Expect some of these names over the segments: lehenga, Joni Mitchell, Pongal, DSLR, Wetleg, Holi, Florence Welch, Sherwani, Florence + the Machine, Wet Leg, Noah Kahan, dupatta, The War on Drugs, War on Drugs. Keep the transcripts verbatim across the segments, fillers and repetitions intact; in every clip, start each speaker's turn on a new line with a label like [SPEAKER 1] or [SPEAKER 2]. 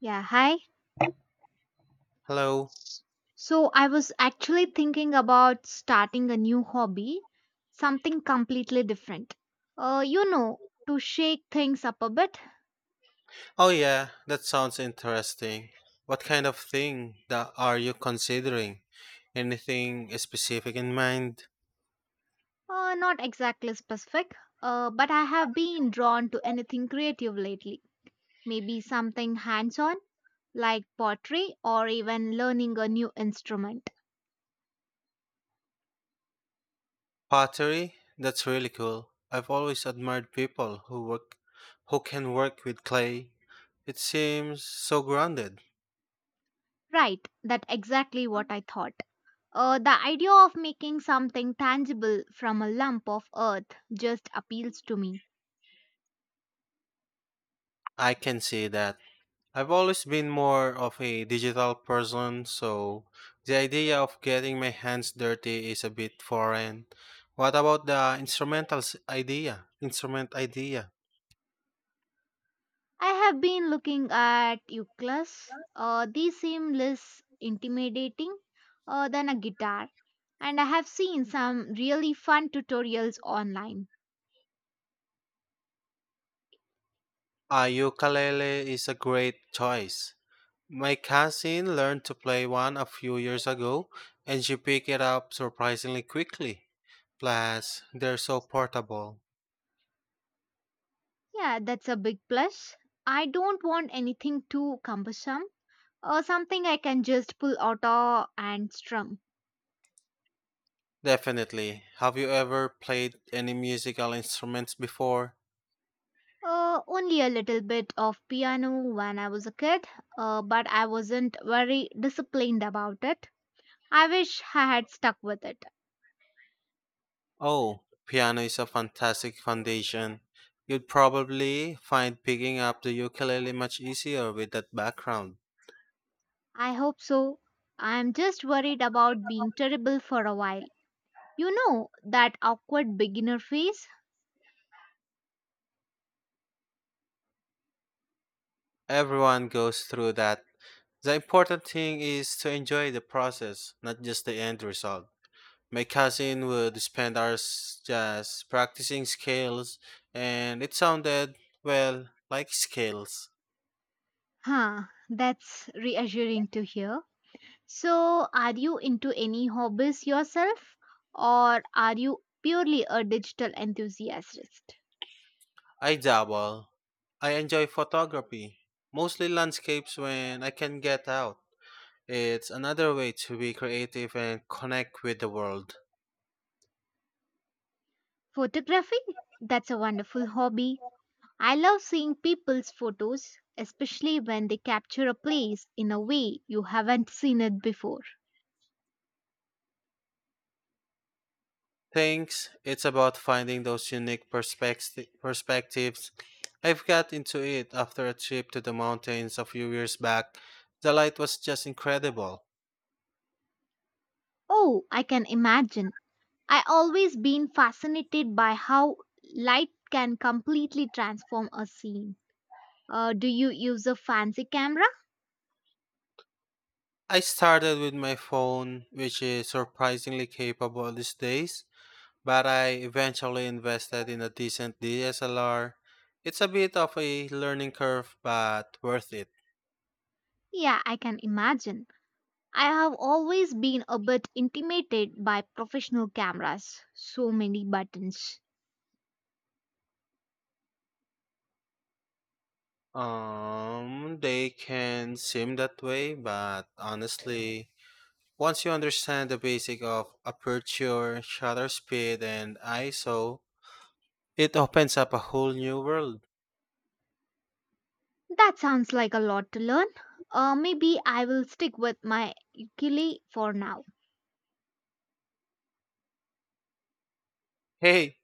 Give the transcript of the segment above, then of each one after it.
[SPEAKER 1] Yeah, hi.
[SPEAKER 2] Hello.
[SPEAKER 1] S- So I was actually thinking about starting a new hobby, something completely different. Uh, you know, to shake things up a bit.
[SPEAKER 2] Oh, yeah, that sounds interesting. What kind of thing that are you considering? Anything specific in mind?
[SPEAKER 1] Uh, not exactly specific, uh, but I have been drawn to anything creative lately. Maybe something hands on, like pottery or even learning a new instrument.
[SPEAKER 2] Pottery? That's really cool. I've always admired people who work who can work with clay. It seems so grounded.
[SPEAKER 1] Right, that's exactly what I thought. Uh, the idea of making something tangible from a lump of earth just appeals to me.
[SPEAKER 2] I can see that. I've always been more of a digital person, so the idea of getting my hands dirty is a bit foreign. What about the instrumentals idea? Instrument idea.
[SPEAKER 1] I have been looking at ukulele. Uh, they seem less intimidating uh, than a guitar, and I have seen some really fun tutorials online.
[SPEAKER 2] A ukulele is a great choice. My cousin learned to play one a few years ago, and she picked it up surprisingly quickly. Plus, they're so portable.
[SPEAKER 1] Yeah, that's a big plus. I don't want anything too cumbersome or something I can just pull out uh, and strum.
[SPEAKER 2] Definitely. Have you ever played any musical instruments before?
[SPEAKER 1] Uh, only a little bit of piano when I was a kid, uh, but I wasn't very disciplined about it. I wish I had stuck with it.
[SPEAKER 2] Oh, piano is a fantastic foundation. You'd probably find picking up the ukulele much easier with that background.
[SPEAKER 1] I hope so. I'm just worried about being terrible for a while. You know, that awkward beginner phase?
[SPEAKER 2] Everyone goes through that. The important thing is to enjoy the process, not just the end result. My cousin would spend hours just practicing scales, and it sounded, well, like scales.
[SPEAKER 1] Huh, that's reassuring to hear. So, are you into any hobbies yourself, or are you purely a digital enthusiast?
[SPEAKER 2] I dabble. I enjoy photography, mostly landscapes when I can get out. It's another way to be creative and connect with the world.
[SPEAKER 1] Photography? That's a wonderful hobby. I love seeing people's photos, especially when they capture a place in a way you haven't seen it before.
[SPEAKER 2] Thanks. It's about finding those unique perspecti- perspectives. I've got into it after a trip to the mountains a few years back. The light was just incredible.
[SPEAKER 1] Oh, I can imagine. I always been fascinated by how light can completely transform a scene. Uh, do you use a fancy camera?
[SPEAKER 2] I started with my phone, which is surprisingly capable these days, but I eventually invested in a decent D S L R. It's a bit of a learning curve, but worth it.
[SPEAKER 1] Yeah, I can imagine. I have always been a bit intimidated by professional cameras. So many buttons.
[SPEAKER 2] Um, they can seem that way, but honestly, once you understand the basic of aperture, shutter speed, and ISO, it opens up a whole new world.
[SPEAKER 1] That sounds like a lot to learn. Uh, maybe I will stick with my ukulele for now.
[SPEAKER 2] Hey,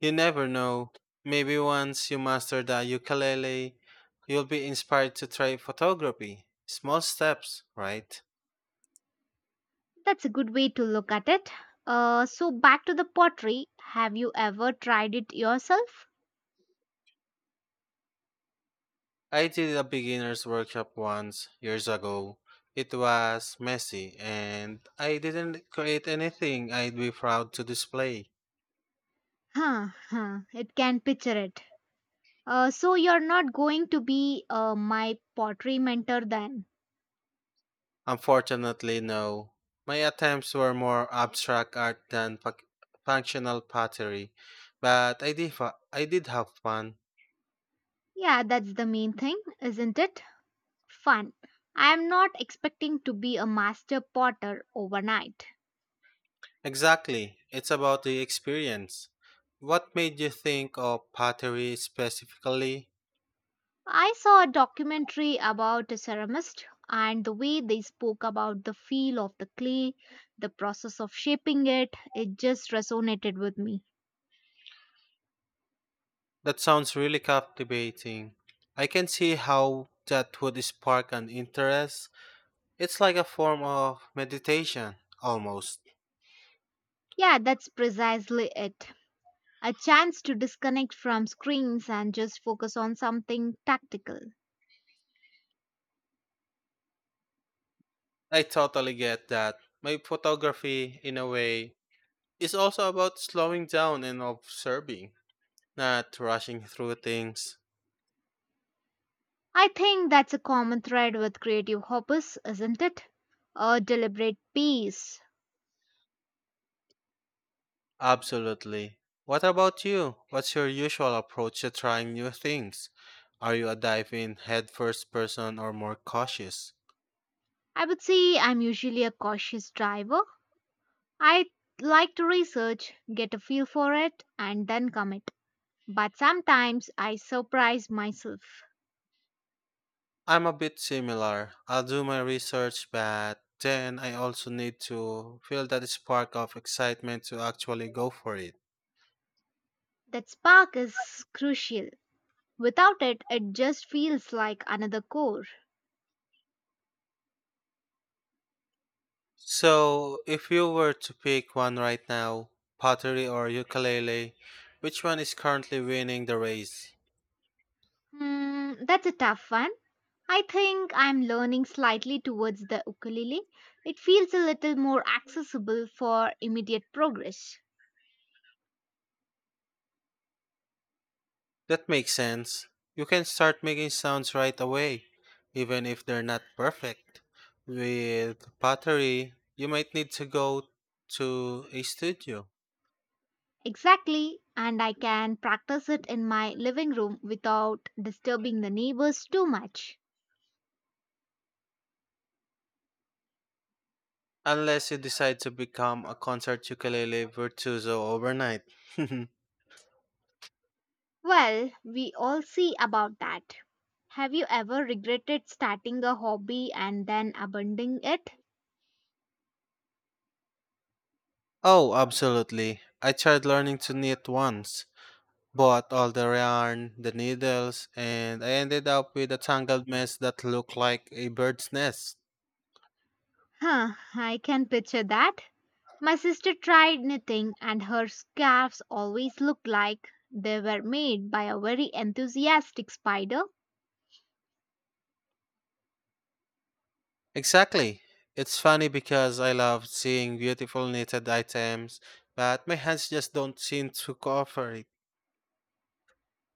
[SPEAKER 2] you never know. Maybe once you master the ukulele, you'll be inspired to try photography. Small steps, right?
[SPEAKER 1] That's a good way to look at it. Uh, so back to the pottery. Have you ever tried it yourself?
[SPEAKER 2] I did a beginner's workshop once, years ago. It was messy, and I didn't create anything I'd be proud to display.
[SPEAKER 1] Huh, huh. It can picture it. Uh, so you're not going to be uh, my pottery mentor then?
[SPEAKER 2] Unfortunately, no. My attempts were more abstract art than fac- functional pottery, but I did, fa- I did have fun.
[SPEAKER 1] Yeah, that's the main thing, isn't it? Fun. I am not expecting to be a master potter overnight.
[SPEAKER 2] Exactly, it's about the experience. What made you think of pottery specifically?
[SPEAKER 1] I saw a documentary about a ceramist and the way they spoke about the feel of the clay, the process of shaping it, it just resonated with me.
[SPEAKER 2] That sounds really captivating. I can see how that would spark an interest. It's like a form of meditation, almost.
[SPEAKER 1] Yeah, that's precisely it. A chance to disconnect from screens and just focus on something tactical.
[SPEAKER 2] I totally get that. My photography, in a way, is also about slowing down and observing, not rushing through things.
[SPEAKER 1] I think that's a common thread with creative hobbies, isn't it? A deliberate pace.
[SPEAKER 2] Absolutely. What about you? What's your usual approach to trying new things? Are you a dive in head first person or more cautious?
[SPEAKER 1] I would say I'm usually a cautious driver, I like to research, get a feel for it, and then commit. But sometimes I surprise myself.
[SPEAKER 2] I'm a bit similar. I'll do my research, but then I also need to feel that spark of excitement to actually go for it.
[SPEAKER 1] That spark is crucial. Without it, it just feels like another core.
[SPEAKER 2] So, if you were to pick one right now, pottery or ukulele, which one is currently winning the race?
[SPEAKER 1] Hmm, that's a tough one. I think I'm learning slightly towards the ukulele. It feels a little more accessible for immediate progress.
[SPEAKER 2] That makes sense. You can start making sounds right away, even if they're not perfect. With pottery, you might need to go to a studio.
[SPEAKER 1] Exactly, and I can practice it in my living room without disturbing the neighbors too much.
[SPEAKER 2] Unless you decide to become a concert ukulele virtuoso overnight.
[SPEAKER 1] Well, we all see about that. Have you ever regretted starting a hobby and then abandoning it?
[SPEAKER 2] Oh, absolutely. I tried learning to knit once, bought all the yarn, the needles, and I ended up with a tangled mess that looked like a bird's nest.
[SPEAKER 1] Huh, I can picture that. My sister tried knitting and her scarves always looked like they were made by a very enthusiastic spider.
[SPEAKER 2] Exactly. It's funny because I love seeing beautiful knitted items, but my hands just don't seem to cooperate.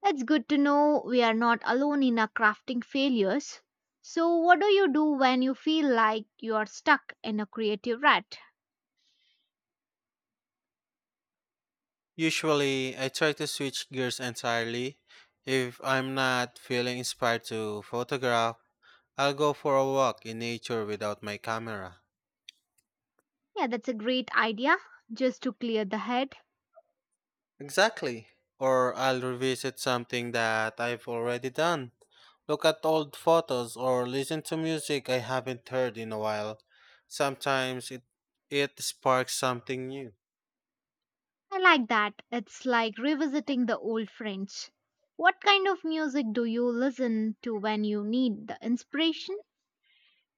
[SPEAKER 1] It's good to know we are not alone in our crafting failures. So, what do you do when you feel like you are stuck in a creative rut?
[SPEAKER 2] Usually, I try to switch gears entirely. If I'm not feeling inspired to photograph, I'll go for a walk in nature without my camera.
[SPEAKER 1] Yeah, that's a great idea, just to clear the head.
[SPEAKER 2] Exactly. Or I'll revisit something that I've already done. Look at old photos or listen to music I haven't heard in a while. Sometimes it it sparks something new.
[SPEAKER 1] I like that. It's like revisiting the old friends. What kind of music do you listen to when you need the inspiration?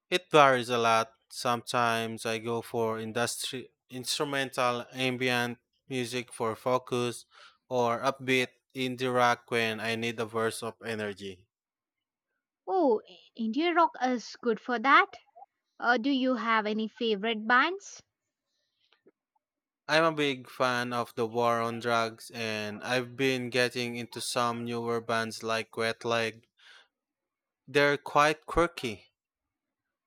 [SPEAKER 2] It varies a lot. Sometimes I go for industri- instrumental ambient music for focus or upbeat indie rock when I need a burst of energy.
[SPEAKER 1] Oh, India rock is good for that. Uh, do you have any favorite bands?
[SPEAKER 2] I'm a big fan of the War on Drugs, and I've been getting into some newer bands like Wet Leg. They're quite quirky.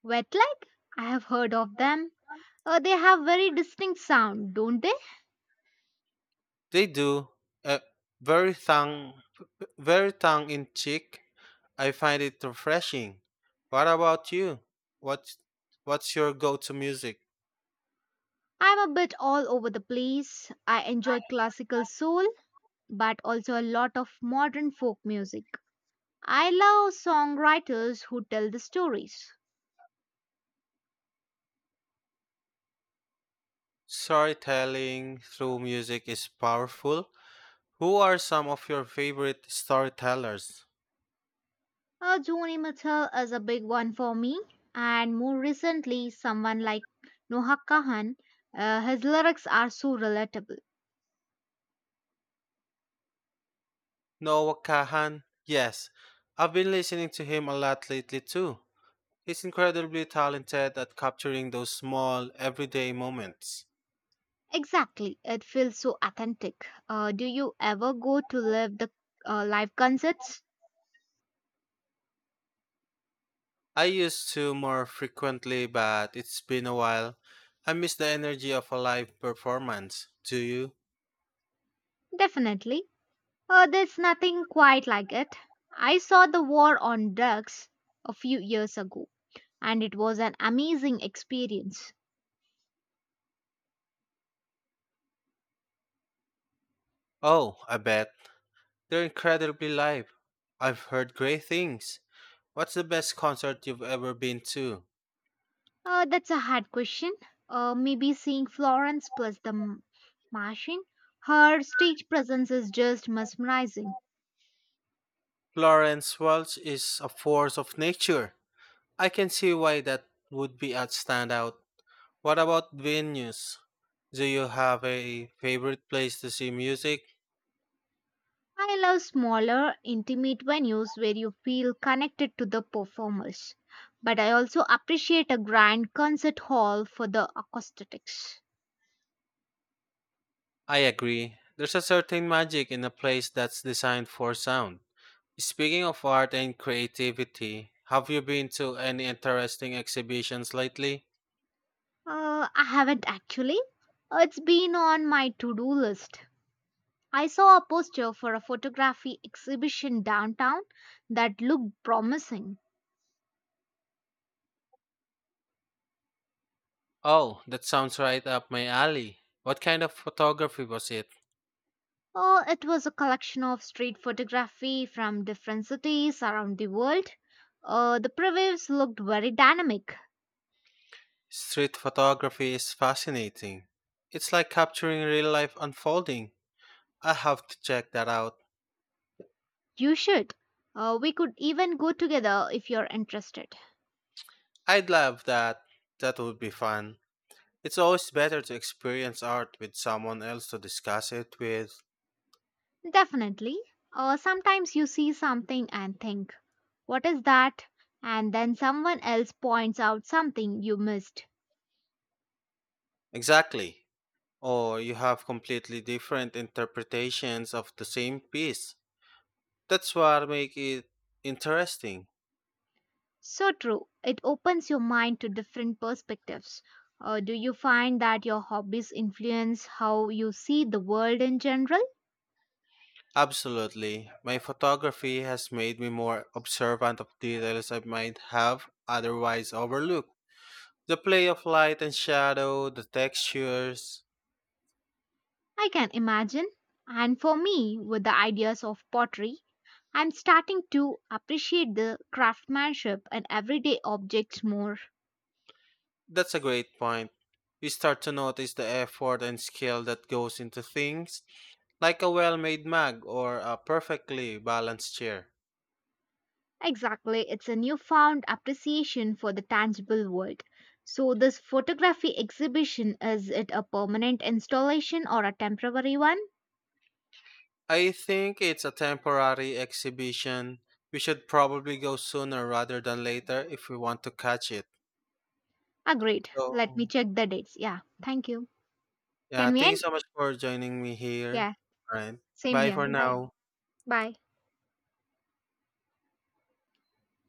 [SPEAKER 1] Wetleg? I have heard of them. Uh, they have very distinct sound, don't they?
[SPEAKER 2] They do uh, very tongue very tongue in cheek. I find it refreshing. What about you? What's what's your go-to music?
[SPEAKER 1] I'm a bit all over the place. I enjoy classical soul, but also a lot of modern folk music. I love songwriters who tell the stories.
[SPEAKER 2] Storytelling through music is powerful. Who are some of your favorite storytellers?
[SPEAKER 1] Uh, Joni Mitchell is a big one for me, and more recently, someone like Noah Kahan. Uh, his lyrics are so relatable.
[SPEAKER 2] Noah Kahan? Yes, I've been listening to him a lot lately too. He's incredibly talented at capturing those small, everyday moments.
[SPEAKER 1] Exactly, it feels so authentic. Uh, do you ever go to live the uh, live concerts?
[SPEAKER 2] I used to more frequently, but it's been a while. I miss the energy of a live performance. Do you?
[SPEAKER 1] Definitely. Uh, there's nothing quite like it. I saw The War on Drugs a few years ago, and it was an amazing experience.
[SPEAKER 2] Oh, I bet. They're incredibly live. I've heard great things. What's the best concert you've ever been to?
[SPEAKER 1] Uh, that's a hard question. Uh, maybe seeing Florence plus the M- Martian. Her stage presence is just mesmerizing.
[SPEAKER 2] Florence Welch is a force of nature. I can see why that would be a standout. What about venues? Do you have a favorite place to see music?
[SPEAKER 1] I love smaller, intimate venues where you feel connected to the performers. But I also appreciate a grand concert hall for the acoustics.
[SPEAKER 2] I agree. There's a certain magic in a place that's designed for sound. Speaking of art and creativity, have you been to any interesting exhibitions lately?
[SPEAKER 1] Uh, I haven't actually. It's been on my to do list. I saw a poster for a photography exhibition downtown that looked promising.
[SPEAKER 2] Oh, that sounds right up my alley. What kind of photography was it?
[SPEAKER 1] Oh, it was a collection of street photography from different cities around the world. Uh, the previews looked very dynamic.
[SPEAKER 2] Street photography is fascinating. It's like capturing real life unfolding. I have to check that out.
[SPEAKER 1] You should. Uh, we could even go together if you're interested.
[SPEAKER 2] I'd love that. That would be fun. It's always better to experience art with someone else to discuss it with.
[SPEAKER 1] Definitely. Uh, sometimes you see something and think, what is that? And then someone else points out something you missed.
[SPEAKER 2] Exactly. Or you have completely different interpretations of the same piece. That's what make it interesting.
[SPEAKER 1] So true. It opens your mind to different perspectives. Uh, do you find that your hobbies influence how you see the world in general?
[SPEAKER 2] Absolutely. My photography has made me more observant of details I might have otherwise overlooked. The play of light and shadow, the textures.
[SPEAKER 1] I can imagine. And for me, with the ideas of pottery, I'm starting to appreciate the craftsmanship in everyday objects more.
[SPEAKER 2] That's a great point. You start to notice the effort and skill that goes into things like a well made mug or a perfectly balanced chair.
[SPEAKER 1] Exactly, it's a newfound appreciation for the tangible world. So, this photography exhibition is it a permanent installation or a temporary one?
[SPEAKER 2] I think it's a temporary exhibition. We should probably go sooner rather than later if we want to catch it.
[SPEAKER 1] Agreed.
[SPEAKER 2] So,
[SPEAKER 1] Let me check the dates. Yeah, thank you.
[SPEAKER 2] yeah,
[SPEAKER 1] Can we
[SPEAKER 2] thank you
[SPEAKER 1] end?
[SPEAKER 2] so much for joining me here.
[SPEAKER 1] Yeah,
[SPEAKER 2] All right.
[SPEAKER 1] same
[SPEAKER 2] Bye
[SPEAKER 1] here.
[SPEAKER 2] for
[SPEAKER 1] Bye.
[SPEAKER 2] now.
[SPEAKER 1] Bye.